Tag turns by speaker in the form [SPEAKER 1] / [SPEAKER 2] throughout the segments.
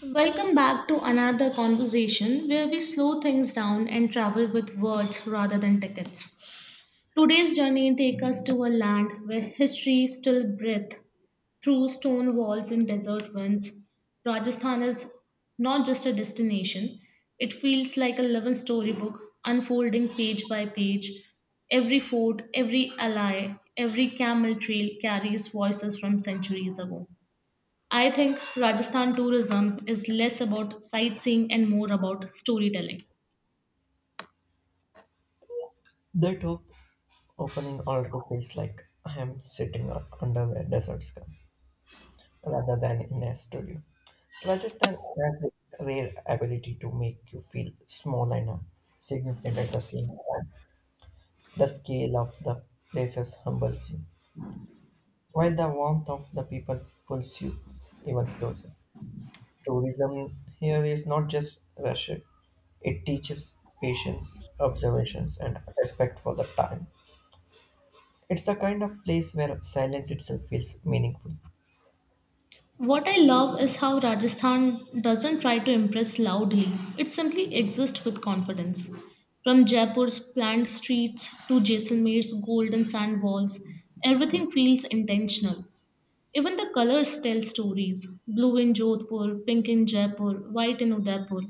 [SPEAKER 1] Welcome back to another conversation where we slow things down and travel with words rather than tickets. Today's journey takes us to a land where history still breathes through stone walls and desert winds. Rajasthan is not just a destination, it feels like a living storybook unfolding page by page. Every fort, every ally, every camel trail carries voices from centuries ago. I think Rajasthan tourism is less about sightseeing and more about storytelling.
[SPEAKER 2] The top opening already feels like I am sitting under a desert sky rather than in a studio. Rajasthan has the rare ability to make you feel small and significant at the same time. The scale of the places humbles you, while the warmth of the people pulls you even closer. Tourism here is not just rush; it teaches patience, observations, and respect for the time. It's the kind of place where silence itself feels meaningful.
[SPEAKER 1] What I love is how Rajasthan doesn't try to impress loudly, it simply exists with confidence. From Jaipur's planned streets to Jaisalmer's golden sand walls, everything feels intentional. Even the colors tell stories blue in Jodhpur, pink in Jaipur, white in Udaipur.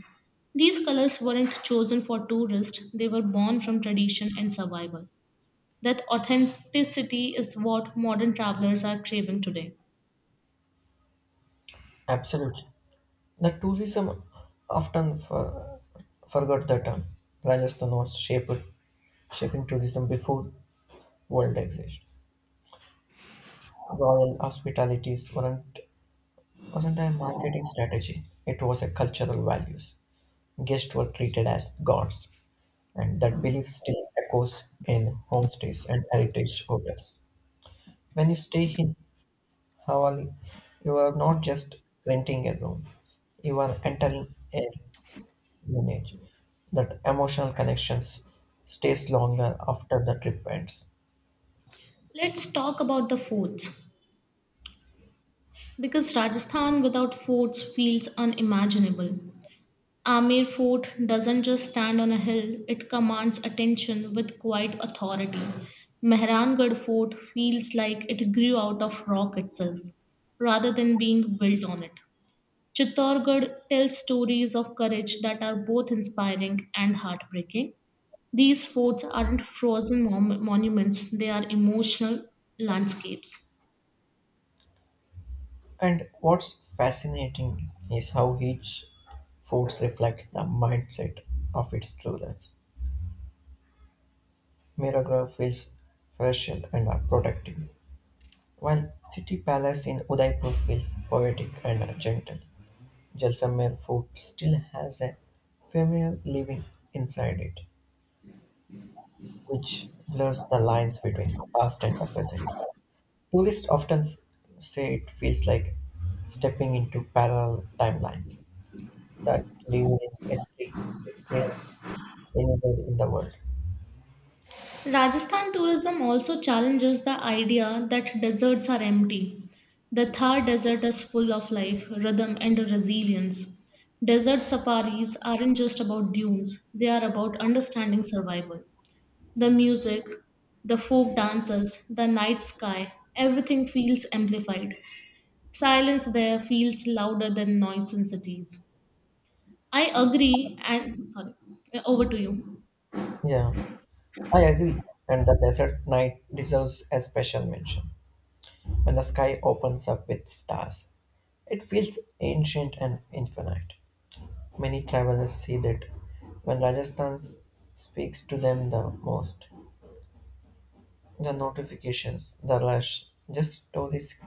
[SPEAKER 1] These colors weren't chosen for tourists, they were born from tradition and survival. That authenticity is what modern travelers are craving today.
[SPEAKER 2] Absolutely. The tourism often for, forgot the term. Rajasthan was shaping tourism before world exist. Royal hospitalities weren't, wasn't a marketing strategy. It was a cultural values. Guests were treated as gods, and that belief still echoes in homestays and heritage hotels. When you stay in Hawali, you are not just renting a room, you are entering a lineage. That emotional connections stays longer after the trip ends.
[SPEAKER 1] Let's talk about the forts. Because Rajasthan without forts feels unimaginable. Amir Fort doesn't just stand on a hill, it commands attention with quiet authority. Mehrangarh Fort feels like it grew out of rock itself, rather than being built on it. Chittorgarh tells stories of courage that are both inspiring and heartbreaking. These forts aren't frozen monuments, they are emotional landscapes.
[SPEAKER 2] And what's fascinating is how each food reflects the mindset of its rulers. Miragra feels fresh and protective, while City Palace in Udaipur feels poetic and gentle. Jaisalmer food still has a familiar living inside it, which blurs the lines between the past and the present. Tourists say it feels like stepping into parallel timeline that live in Italy anywhere in the world.
[SPEAKER 1] Rajasthan tourism also challenges the idea that deserts are empty. The Thar Desert is full of life, rhythm, and resilience. Desert safaris aren't just about dunes, they are about understanding survival. The music, the folk dances, the night sky, everything feels amplified. Silence there feels louder than noise in cities. I agree, and sorry, over to you.
[SPEAKER 2] Yeah, I agree. And the desert night deserves a special mention. When the sky opens up with stars, it feels ancient and infinite. Many travelers see that when Rajasthan speaks to them the most. The notifications, the rush, just stories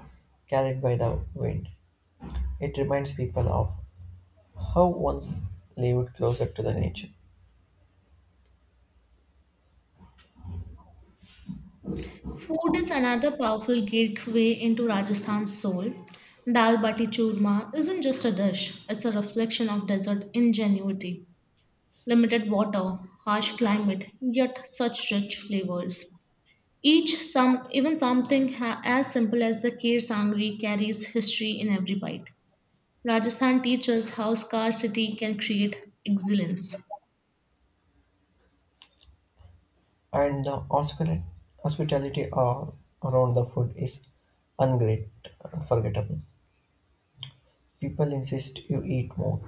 [SPEAKER 2] carried by the wind. It reminds people of how once lived closer to the nature.
[SPEAKER 1] Food is another powerful gateway into Rajasthan's soul. Dal bati churma isn't just a dish, it's a reflection of desert ingenuity. Limited water, harsh climate, yet such rich flavors. Each some even something as simple as the kheer sangri carries history in every bite. Rajasthan teaches how scarcity can create excellence.
[SPEAKER 2] And the hospitality all around the food is ungreat, unforgettable. People insist you eat more,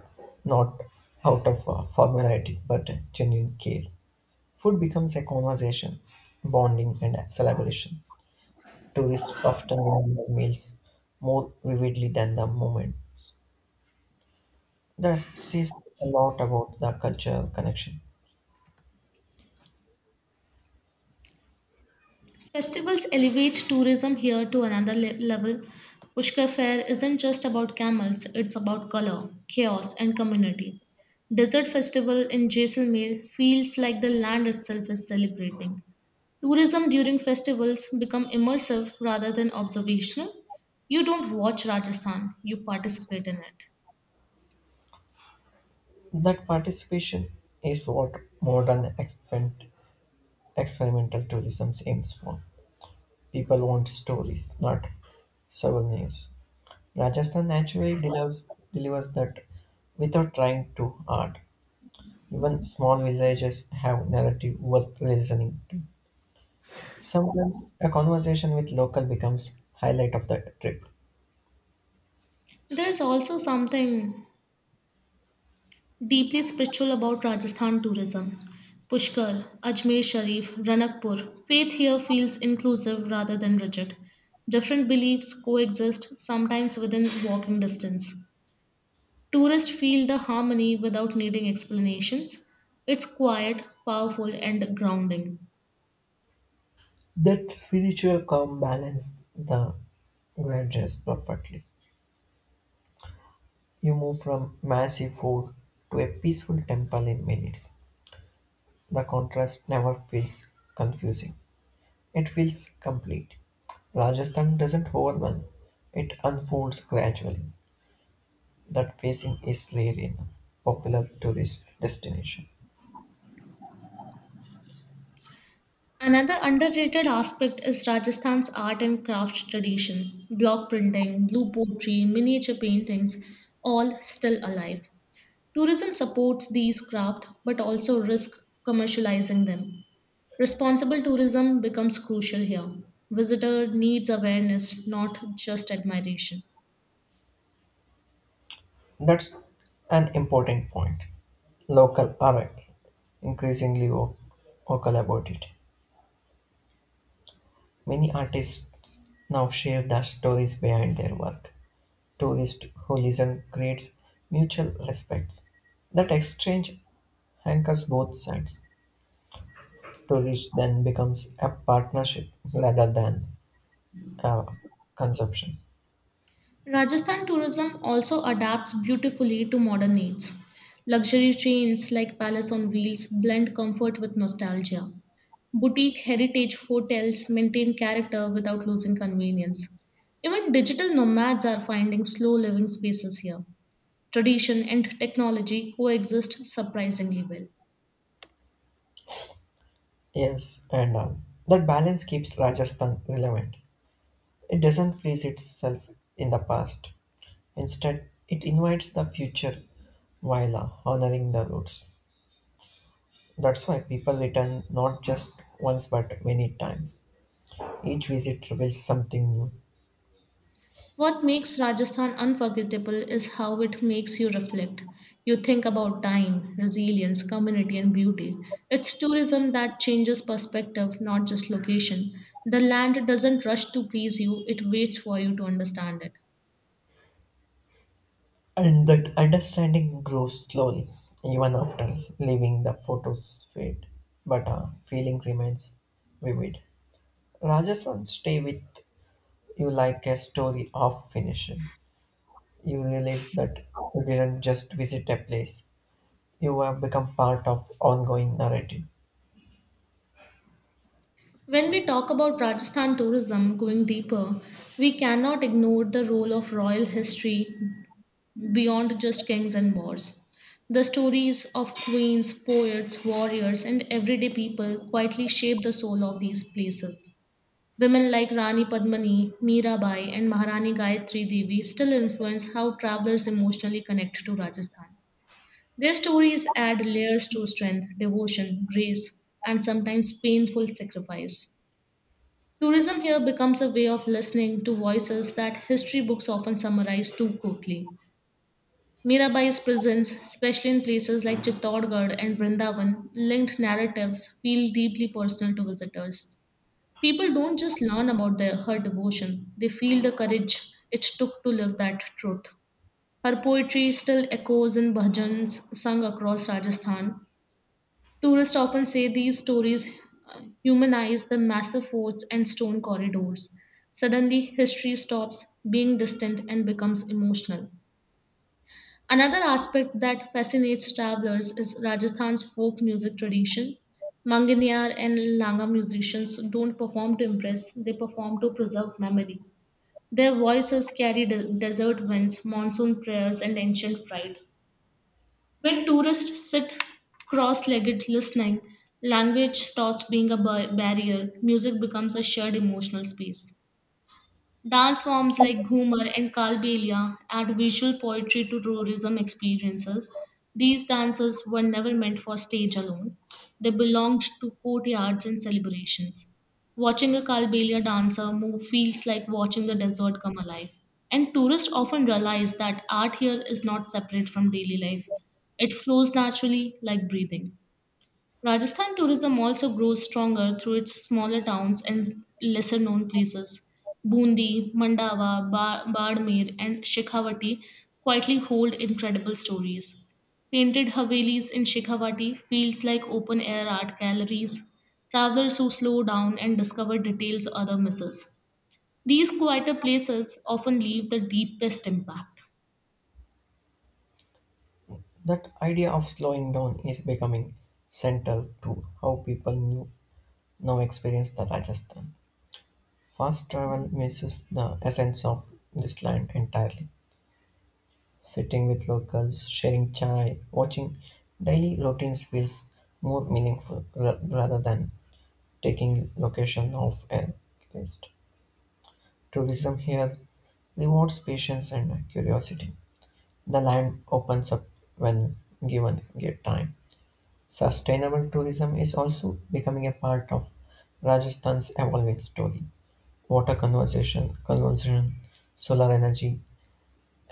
[SPEAKER 2] not out of formality but genuine care. Food becomes a conversation, bonding, and celebration. Tourists often remember meals more vividly than the moment. That says a lot about the cultural connection.
[SPEAKER 1] Festivals elevate tourism here to another level. Pushkar Fair isn't just about camels, it's about color, chaos, and community. Desert Festival in Jaisalmer feels like the land itself is celebrating. Tourism during festivals become immersive rather than observational. You don't watch Rajasthan, you participate in it.
[SPEAKER 2] That participation is what modern experimental tourism aims for. People want stories, not souvenirs. Rajasthan naturally delivers that without trying too hard. Even small villages have narrative worth listening to. Sometimes a conversation with local becomes highlight of the trip.
[SPEAKER 1] There's also something deeply spiritual about Rajasthan tourism. Pushkar, Ajmer Sharif, Ranakpur. Faith here feels inclusive rather than rigid. Different beliefs coexist, sometimes within walking distance. Tourists feel the harmony without needing explanations. It's quiet, powerful, and grounding.
[SPEAKER 2] That spiritual calm balance the grudges perfectly. You move from massive fort to a peaceful temple in minutes. The contrast never feels confusing. It feels complete. Rajasthan doesn't overwhelm. It unfolds gradually. That facing is rare in popular tourist destination.
[SPEAKER 1] Another underrated aspect is Rajasthan's art and craft tradition. Block printing, blue pottery, miniature paintings, all still alive. Tourism supports these craft but also risks commercializing them. Responsible tourism becomes crucial here. Visitor needs awareness, not just admiration.
[SPEAKER 2] That's an important point. Local are increasingly wo- vocal about it. Many artists now share the stories behind their work. Tourist who listen creates mutual respect. That exchange anchors both sides. Tourism then becomes a partnership rather than a consumption.
[SPEAKER 1] Rajasthan tourism also adapts beautifully to modern needs. Luxury trains like Palace on Wheels blend comfort with nostalgia. Boutique heritage hotels maintain character without losing convenience. Even digital nomads are finding slow living spaces here. Tradition and technology coexist surprisingly well.
[SPEAKER 2] Yes, and that balance keeps Rajasthan relevant. It doesn't freeze itself in the past. Instead, it invites the future while honoring the roots. That's why people return not just once but many times. Each visit reveals something new.
[SPEAKER 1] What makes Rajasthan unforgettable is how it makes you reflect. You think about time, resilience, community, and beauty. It's tourism that changes perspective, not just location. The land doesn't rush to please you, it waits for you to understand it.
[SPEAKER 2] And that understanding grows slowly, even after leaving the photos fade, but a feeling remains vivid. Rajasthan stay with you like a story of finished. You realize that you didn't just visit a place, you have become part of ongoing narrative.
[SPEAKER 1] When we talk about Rajasthan tourism going deeper, we cannot ignore the role of royal history, beyond just kings and wars. The stories of queens, poets, warriors, and everyday people quietly shape the soul of these places. Women like Rani Padmani, Mirabai, and Maharani Gayatri Devi still influence how travelers emotionally connect to Rajasthan. Their stories add layers to strength, devotion, grace, and sometimes painful sacrifice. Tourism here becomes a way of listening to voices that history books often summarize too quickly. Mirabai's presence, especially in places like Chittorgarh and Vrindavan, linked narratives feel deeply personal to visitors. People don't just learn about her devotion, they feel the courage it took to live that truth. Her poetry still echoes in bhajans sung across Rajasthan. Tourists often say these stories humanize the massive forts and stone corridors. Suddenly, history stops being distant and becomes emotional. Another aspect that fascinates travelers is Rajasthan's folk music tradition. Manganiyar and Langa musicians don't perform to impress, they perform to preserve memory. Their voices carry desert winds, monsoon prayers, and ancient pride. When tourists sit cross legged listening, language stops being a barrier, music becomes a shared emotional space. Dance forms like Ghumar and Kalbelia add visual poetry to tourism experiences. These dances were never meant for stage alone. They belonged to courtyards and celebrations. Watching a Kalbelia dancer move feels like watching the desert come alive. And tourists often realize that art here is not separate from daily life. It flows naturally like breathing. Rajasthan tourism also grows stronger through its smaller towns and lesser known places. Bundi, Mandawa, Badmer, and Shekhawati quietly hold incredible stories. Painted Havelis in Shekhawati feels like open air art galleries, travelers who slow down and discover details other misses. These quieter places often leave the deepest impact.
[SPEAKER 2] That idea of slowing down is becoming central to how people now experience the Rajasthan. Fast travel misses the essence of this land entirely. Sitting with locals, sharing chai, watching daily routines feels more meaningful rather than taking location off a list. Tourism here rewards patience and curiosity. The land opens up when given good time. Sustainable tourism is also becoming a part of Rajasthan's evolving story. Water conversion, solar energy,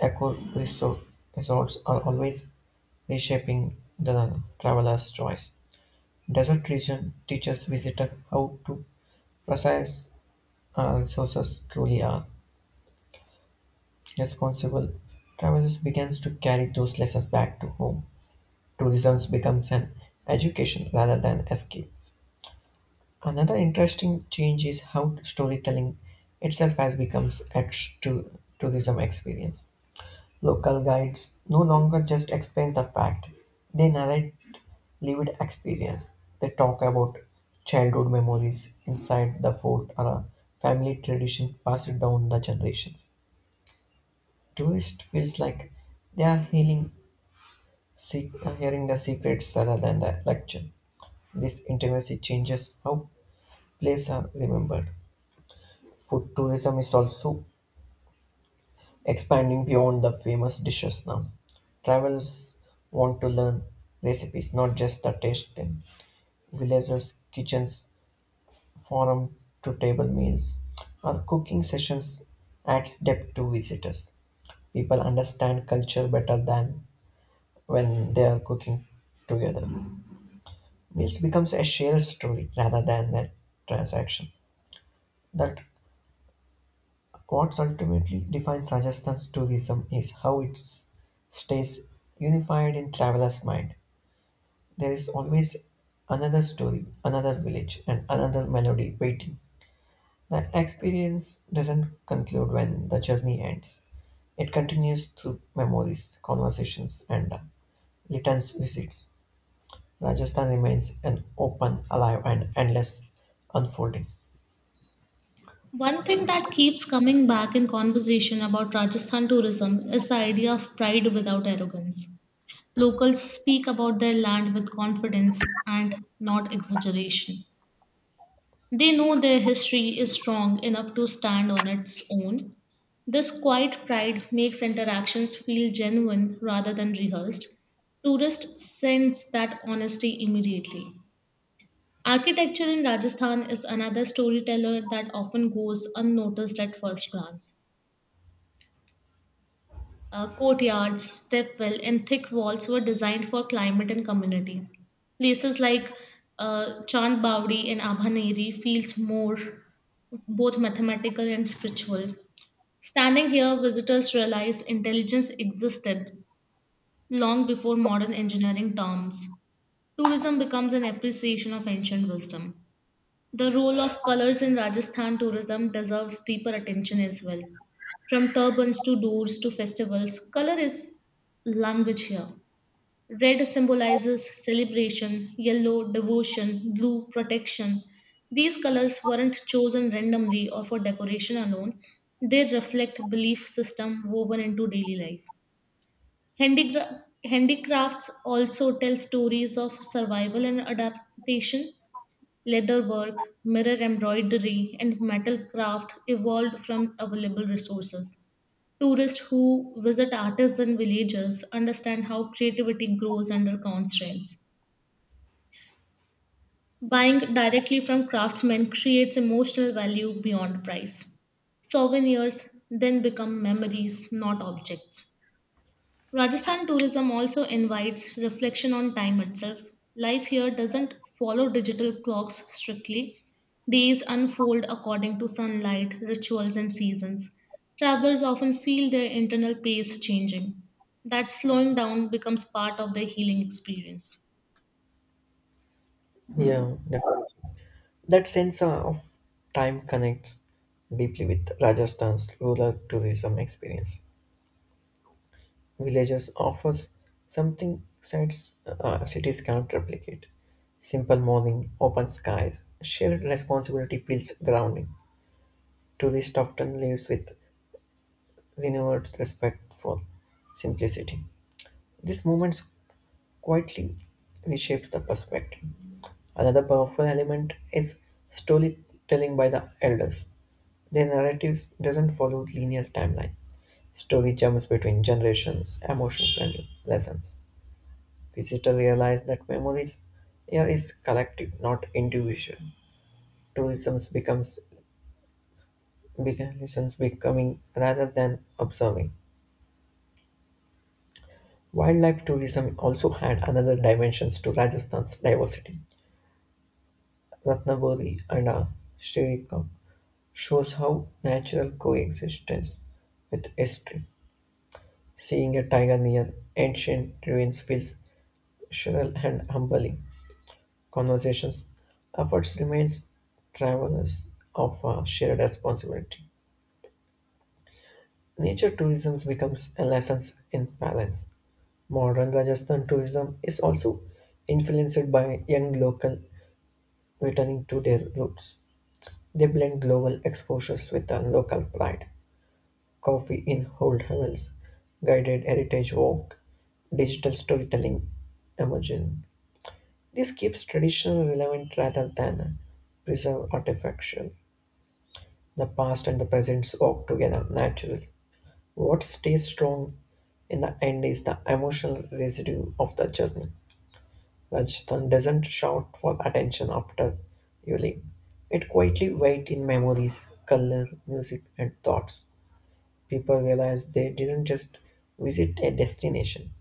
[SPEAKER 2] Eco resort, resorts are always reshaping the traveler's choice. Desert region teaches visitors how to precise resources truly are. Responsible travelers begins to carry those lessons back to home. Tourism becomes an education rather than escapes. Another interesting change is how storytelling itself has becomes etched to tourism experience. Local guides no longer just explain the fact, they narrate lived experience. They talk about childhood memories inside the fort or a family tradition passed down the generations. Tourist feels like they are se- hearing the secrets rather than the lecture. This intimacy changes how places are remembered. Food tourism is also expanding beyond the famous dishes now. Travelers want to learn recipes, not just the tasting. Villagers' kitchens, forum to table meals, or cooking sessions adds depth to visitors. People understand culture better than when they are cooking together. Meals becomes a shared story rather than a transaction. That what ultimately defines Rajasthan's tourism is how it stays unified in travelers' mind. There is always another story, another village, and another melody waiting. The experience doesn't conclude when the journey ends. It continues through memories, conversations, and returns visits. Rajasthan remains an open, alive, and endless unfolding.
[SPEAKER 1] One thing that keeps coming back in conversation about Rajasthan tourism is the idea of pride without arrogance. Locals speak about their land with confidence and not exaggeration. They know their history is strong enough to stand on its own. This quiet pride makes interactions feel genuine rather than rehearsed. Tourists sense that honesty immediately. Architecture in Rajasthan is another storyteller that often goes unnoticed at first glance. Courtyards, stepwell, and thick walls were designed for climate and community. Places like Chand Bawdi and Abhaneri feels more both mathematical and spiritual. Standing here, visitors realize intelligence existed long before modern engineering terms. Tourism becomes an appreciation of ancient wisdom. The role of colors in Rajasthan tourism deserves deeper attention as well. From turbans to doors to festivals, color is language here. Red symbolizes celebration, yellow, devotion, blue, protection. These colors weren't chosen randomly or for decoration alone, they reflect belief system woven into daily life. Handicrafts also tell stories of survival and adaptation. Leatherwork, mirror embroidery, and metal craft evolved from available resources. Tourists who visit artisan villages understand how creativity grows under constraints. Buying directly from craftsmen creates emotional value beyond price. Souvenirs then become memories, not objects. Rajasthan tourism also invites reflection on time itself. Life here doesn't follow digital clocks strictly. Days unfold according to sunlight, rituals, and seasons. Travelers often feel their internal pace changing. That slowing down becomes part of their healing experience.
[SPEAKER 2] Yeah, definitely. That sense of time connects deeply with Rajasthan's rural tourism experience. Villages offers something cities cannot replicate. Simple morning, open skies, shared responsibility feels grounding. Tourist often lives with renewed respect for simplicity. This moments quietly reshapes the perspective. Another powerful element is storytelling by the elders. Their narratives doesn't follow linear timeline. Story jumps between generations, emotions, and lessons. Visitor realize that memories here is collective, not individual. Tourism becomes tourism's becoming rather than observing. Wildlife tourism also had another dimensions to Rajasthan's diversity. Ratnabori and Sririkam shows how natural coexistence with history. Seeing a tiger near ancient ruins feels surreal and humbling. Conversations, efforts remains travelers of shared responsibility. Nature tourism becomes a lesson in balance. Modern Rajasthan tourism is also influenced by young local returning to their roots. They blend global exposures with a local pride. Coffee in old hills, guided heritage walk, digital storytelling emerging. This keeps traditional relevant rather than preserve artifacts. The past and the present walk together naturally. What stays strong in the end is the emotional residue of the journey. Rajasthan doesn't shout for attention after you leave. It quietly waits in memories, color, music, and thoughts. People realize they didn't just visit a destination,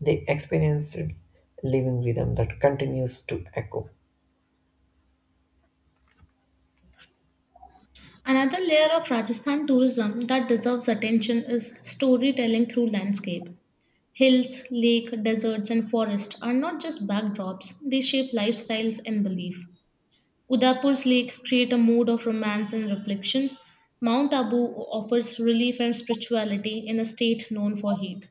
[SPEAKER 2] they experienced living rhythm that continues to echo.
[SPEAKER 1] Another layer of Rajasthan tourism that deserves attention is storytelling through landscape. Hills, lake, deserts, and forest are not just backdrops, they shape lifestyles and belief. Udaipur's lake create a mood of romance and reflection. Mount Abu offers relief and spirituality in a state known for heat.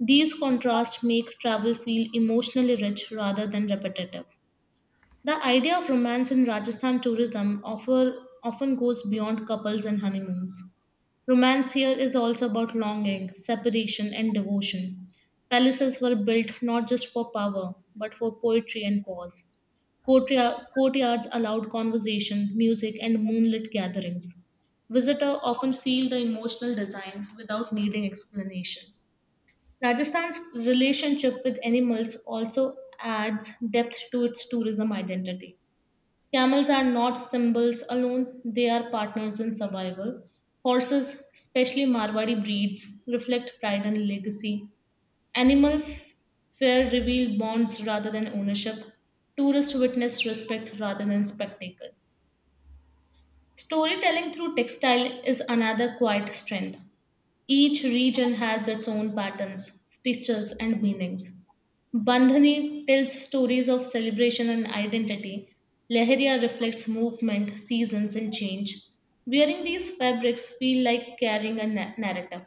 [SPEAKER 1] These contrasts make travel feel emotionally rich rather than repetitive. The idea of romance in Rajasthan tourism often goes beyond couples and honeymoons. Romance here is also about longing, separation, and devotion. Palaces were built not just for power, but for poetry and pause. Courtyards allowed conversation, music, and moonlit gatherings. Visitors often feel the emotional design without needing explanation. Rajasthan's relationship with animals also adds depth to its tourism identity. Camels are not symbols alone, they are partners in survival. Horses, especially Marwari breeds, reflect pride and legacy. Animal fare reveal bonds rather than ownership. Tourists witness respect rather than spectacle. Storytelling through textile is another quiet strength. Each region has its own patterns, stitches, and meanings. Bandhani tells stories of celebration and identity. Leheria reflects movement, seasons, and change. Wearing these fabrics feel like carrying a narrative.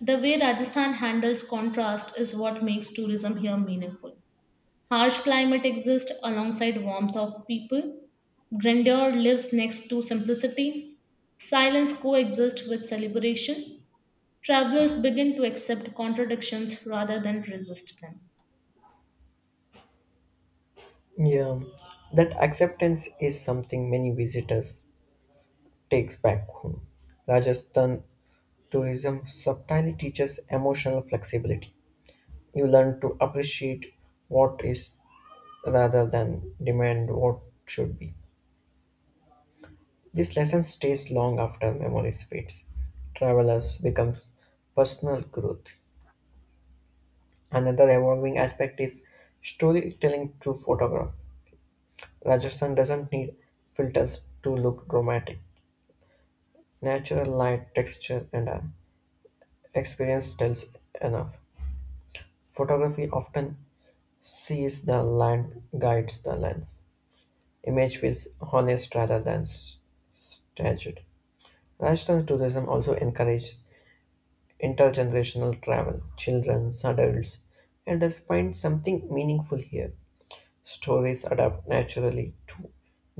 [SPEAKER 1] The way Rajasthan handles contrast is what makes tourism here meaningful. Harsh climate exists alongside warmth of people. Grandeur lives next to simplicity. Silence coexists with celebration travelers begin to accept contradictions rather than resist them.
[SPEAKER 2] Yeah, that acceptance is something many visitors Takes Back Home. Rajasthan tourism subtly teaches emotional flexibility. You learn to appreciate what is rather than demand what should be. This lesson stays long after memories fades. Travelers becomes personal growth. Another evolving aspect is storytelling through photograph. Rajasthan doesn't need filters to look dramatic. Natural light, texture, and experience tells enough. Photography often sees the land guides the lens. Image feels honest rather than staged. Lifestyle tourism also encourages intergenerational travel. Children, adults, elders find something meaningful here. Stories adapt naturally to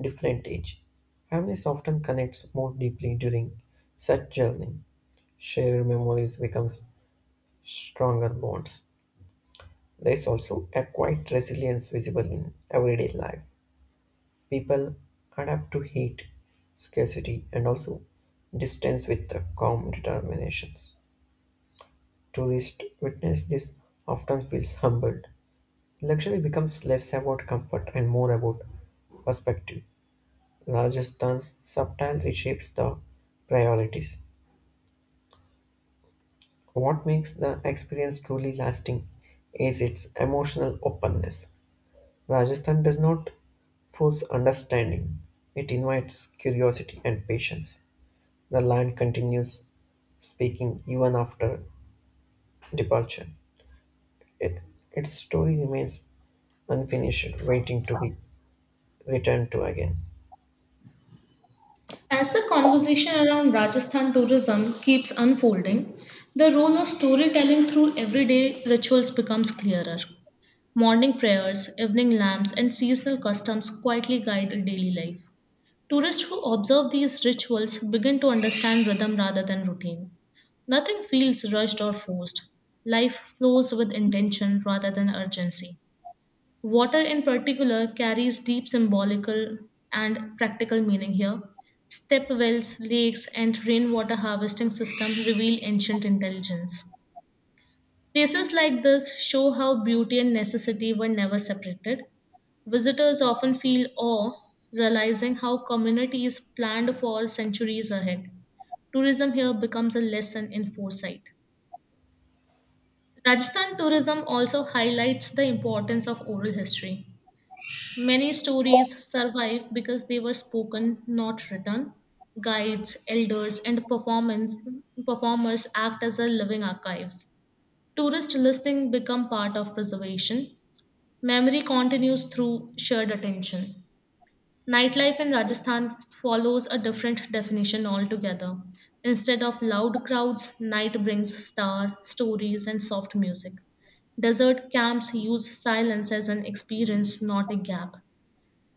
[SPEAKER 2] different age. Families often connect more deeply during such journey. Shared memories becomes stronger bonds. There is also a quiet resilience visible in everyday life. People adapt to heat, scarcity, and also distance with a calm determination. Tourists witness this often feels humbled. Luxury becomes less about comfort and more about perspective. Rajasthan's subtle reshapes the priorities. What makes the experience truly lasting is its emotional openness. Rajasthan does not force understanding, it invites curiosity and patience. The land continues speaking even after departure. It, its story remains unfinished, waiting to be returned to again.
[SPEAKER 1] As the conversation around Rajasthan tourism keeps unfolding, the role of storytelling through everyday rituals becomes clearer. Morning prayers, evening lamps, and seasonal customs quietly guide daily life. Tourists who observe these rituals begin to understand rhythm rather than routine. Nothing feels rushed or forced. Life flows with intention rather than urgency. Water, in particular, carries deep symbolical and practical meaning here. Step wells, lakes, and rainwater harvesting systems reveal ancient intelligence. Places like this show how beauty and necessity were never separated. Visitors often feel awe, realizing how communities planned for centuries ahead. Tourism here becomes a lesson in foresight. Rajasthan tourism also highlights the importance of oral history. Many stories survive because they were spoken, not written. Guides, elders, and performers act as a living archives. Tourist listening become part of preservation. Memory continues through shared attention. Nightlife in Rajasthan follows a different definition altogether. Instead of loud crowds, night brings star, stories, and soft music. Desert camps use silence as an experience, not a gap.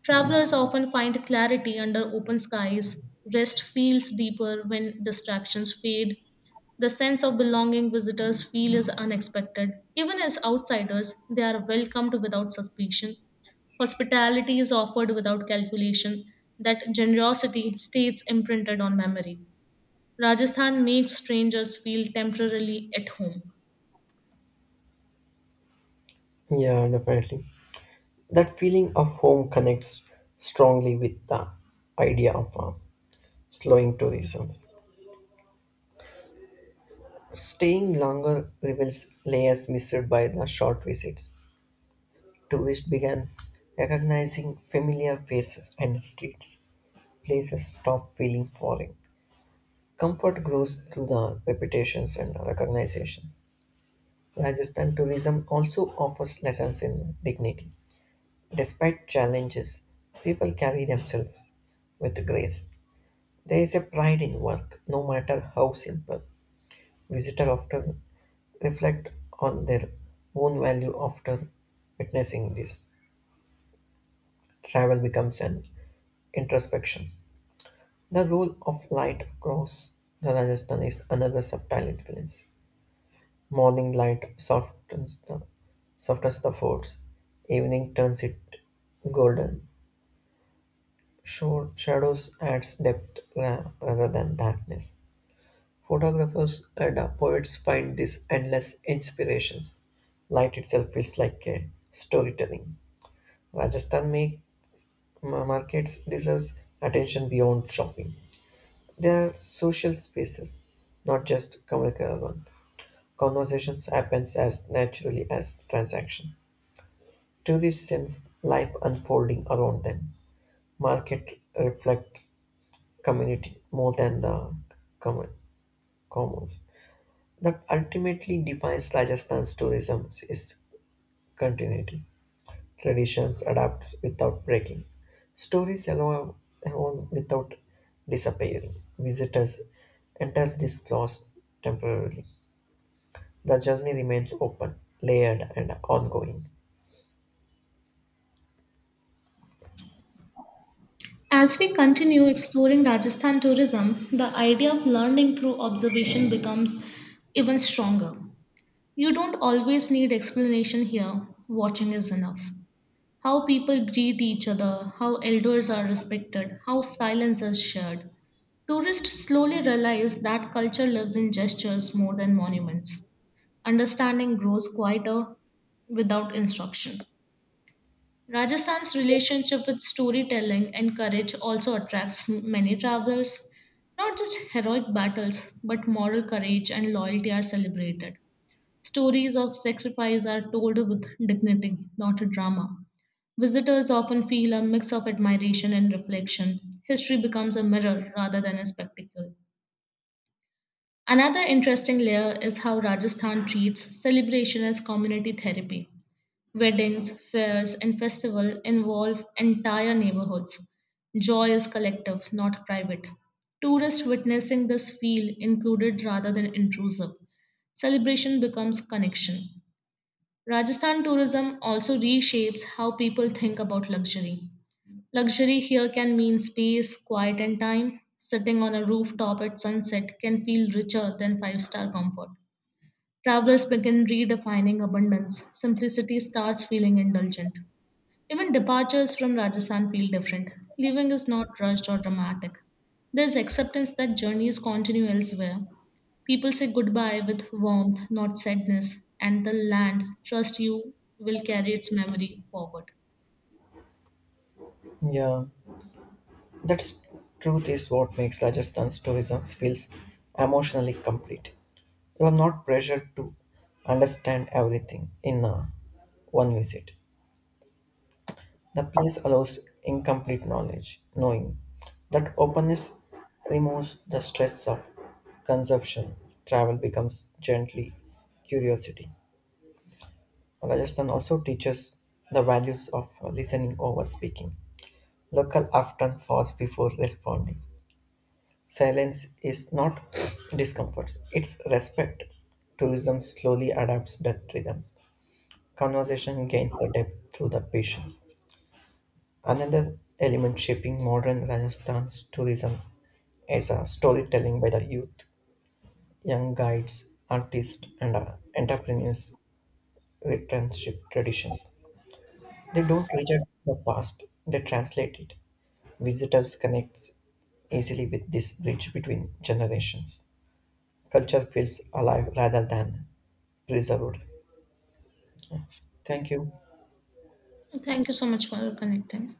[SPEAKER 1] Travelers often find clarity under open skies. Rest feels deeper when distractions fade. The sense of belonging visitors feel is unexpected. Even as outsiders, they are welcomed without suspicion. Hospitality is offered without calculation. That generosity stays imprinted on memory. Rajasthan makes strangers feel temporarily at home.
[SPEAKER 2] Yeah, definitely. That feeling of home connects strongly with the idea of slowing tourism. Staying longer reveals layers missed by the short visits. Tourists begins recognizing familiar faces and streets. Places stop feeling foreign. Comfort grows through the repetitions and recognition. Rajasthan tourism also offers lessons in dignity. Despite challenges, people carry themselves with grace. There is a pride in work, no matter how simple. Visitors often reflect on their own value after witnessing this. Travel becomes an introspection. The role of light across the Rajasthan is another subtle influence. Morning light softens the forts, evening turns it golden. Short shadows adds depth rather than darkness. Photographers and poets find these endless inspirations. Light itself feels like a storytelling. Rajasthan make, markets deserves attention beyond shopping. They are social spaces, not just commercial ones. Conversations happens as naturally as transaction. Tourists sense life unfolding around them. Market reflects community more than the common commons. That ultimately defines Rajasthan's tourism is continuity. Traditions adapt without breaking. Stories allow evolve without disappearing. Visitors enter this loss temporarily. The journey remains open, layered, and ongoing.
[SPEAKER 1] As we continue exploring Rajasthan tourism, the idea of learning through observation becomes even stronger. You don't always need explanation here, watching is enough. How people greet each other, how elders are respected, how silence is shared. Tourists slowly realize that culture lives in gestures more than monuments. Understanding grows quieter without instruction. Rajasthan's relationship with storytelling and courage also attracts many travelers. Not just heroic battles, but moral courage and loyalty are celebrated. Stories of sacrifice are told with dignity, not drama. Visitors often feel a mix of admiration and reflection. History becomes a mirror rather than a spectacle. Another interesting layer is how Rajasthan treats celebration as community therapy. Weddings, fairs, and festivals involve entire neighborhoods. Joy is collective, not private. Tourists witnessing this feel included rather than intrusive. Celebration becomes connection. Rajasthan tourism also reshapes how people think about luxury. Luxury here can mean space, quiet, and time. Sitting on a rooftop at sunset can feel richer than five star comfort. Travelers begin redefining abundance. Simplicity starts feeling indulgent. Even departures from Rajasthan feel different. Leaving is not rushed or dramatic. There's acceptance that journeys continue elsewhere. People say goodbye with warmth, not sadness, and the land, trust you, will carry its memory forward.
[SPEAKER 2] Yeah. That truth is what makes Rajasthan's tourism feels emotionally complete. You are not pressured to understand everything in one visit. The place allows incomplete knowledge, knowing that openness removes the stress of consumption. Travel becomes gently curiosity. Rajasthan also teaches the values of listening over speaking. Local often pause before responding. Silence is not discomfort, it's respect. Tourism slowly adapts that rhythms. Conversation gains the depth through the patience. Another element shaping modern Rajasthan's tourism is a storytelling by the youth, young guides, artists, and entrepreneurs returnship traditions. They don't reject the past, they translate it. Visitors connect easily with this bridge between generations. Culture feels alive rather than preserved. Thank you.
[SPEAKER 1] Thank you so much for connecting.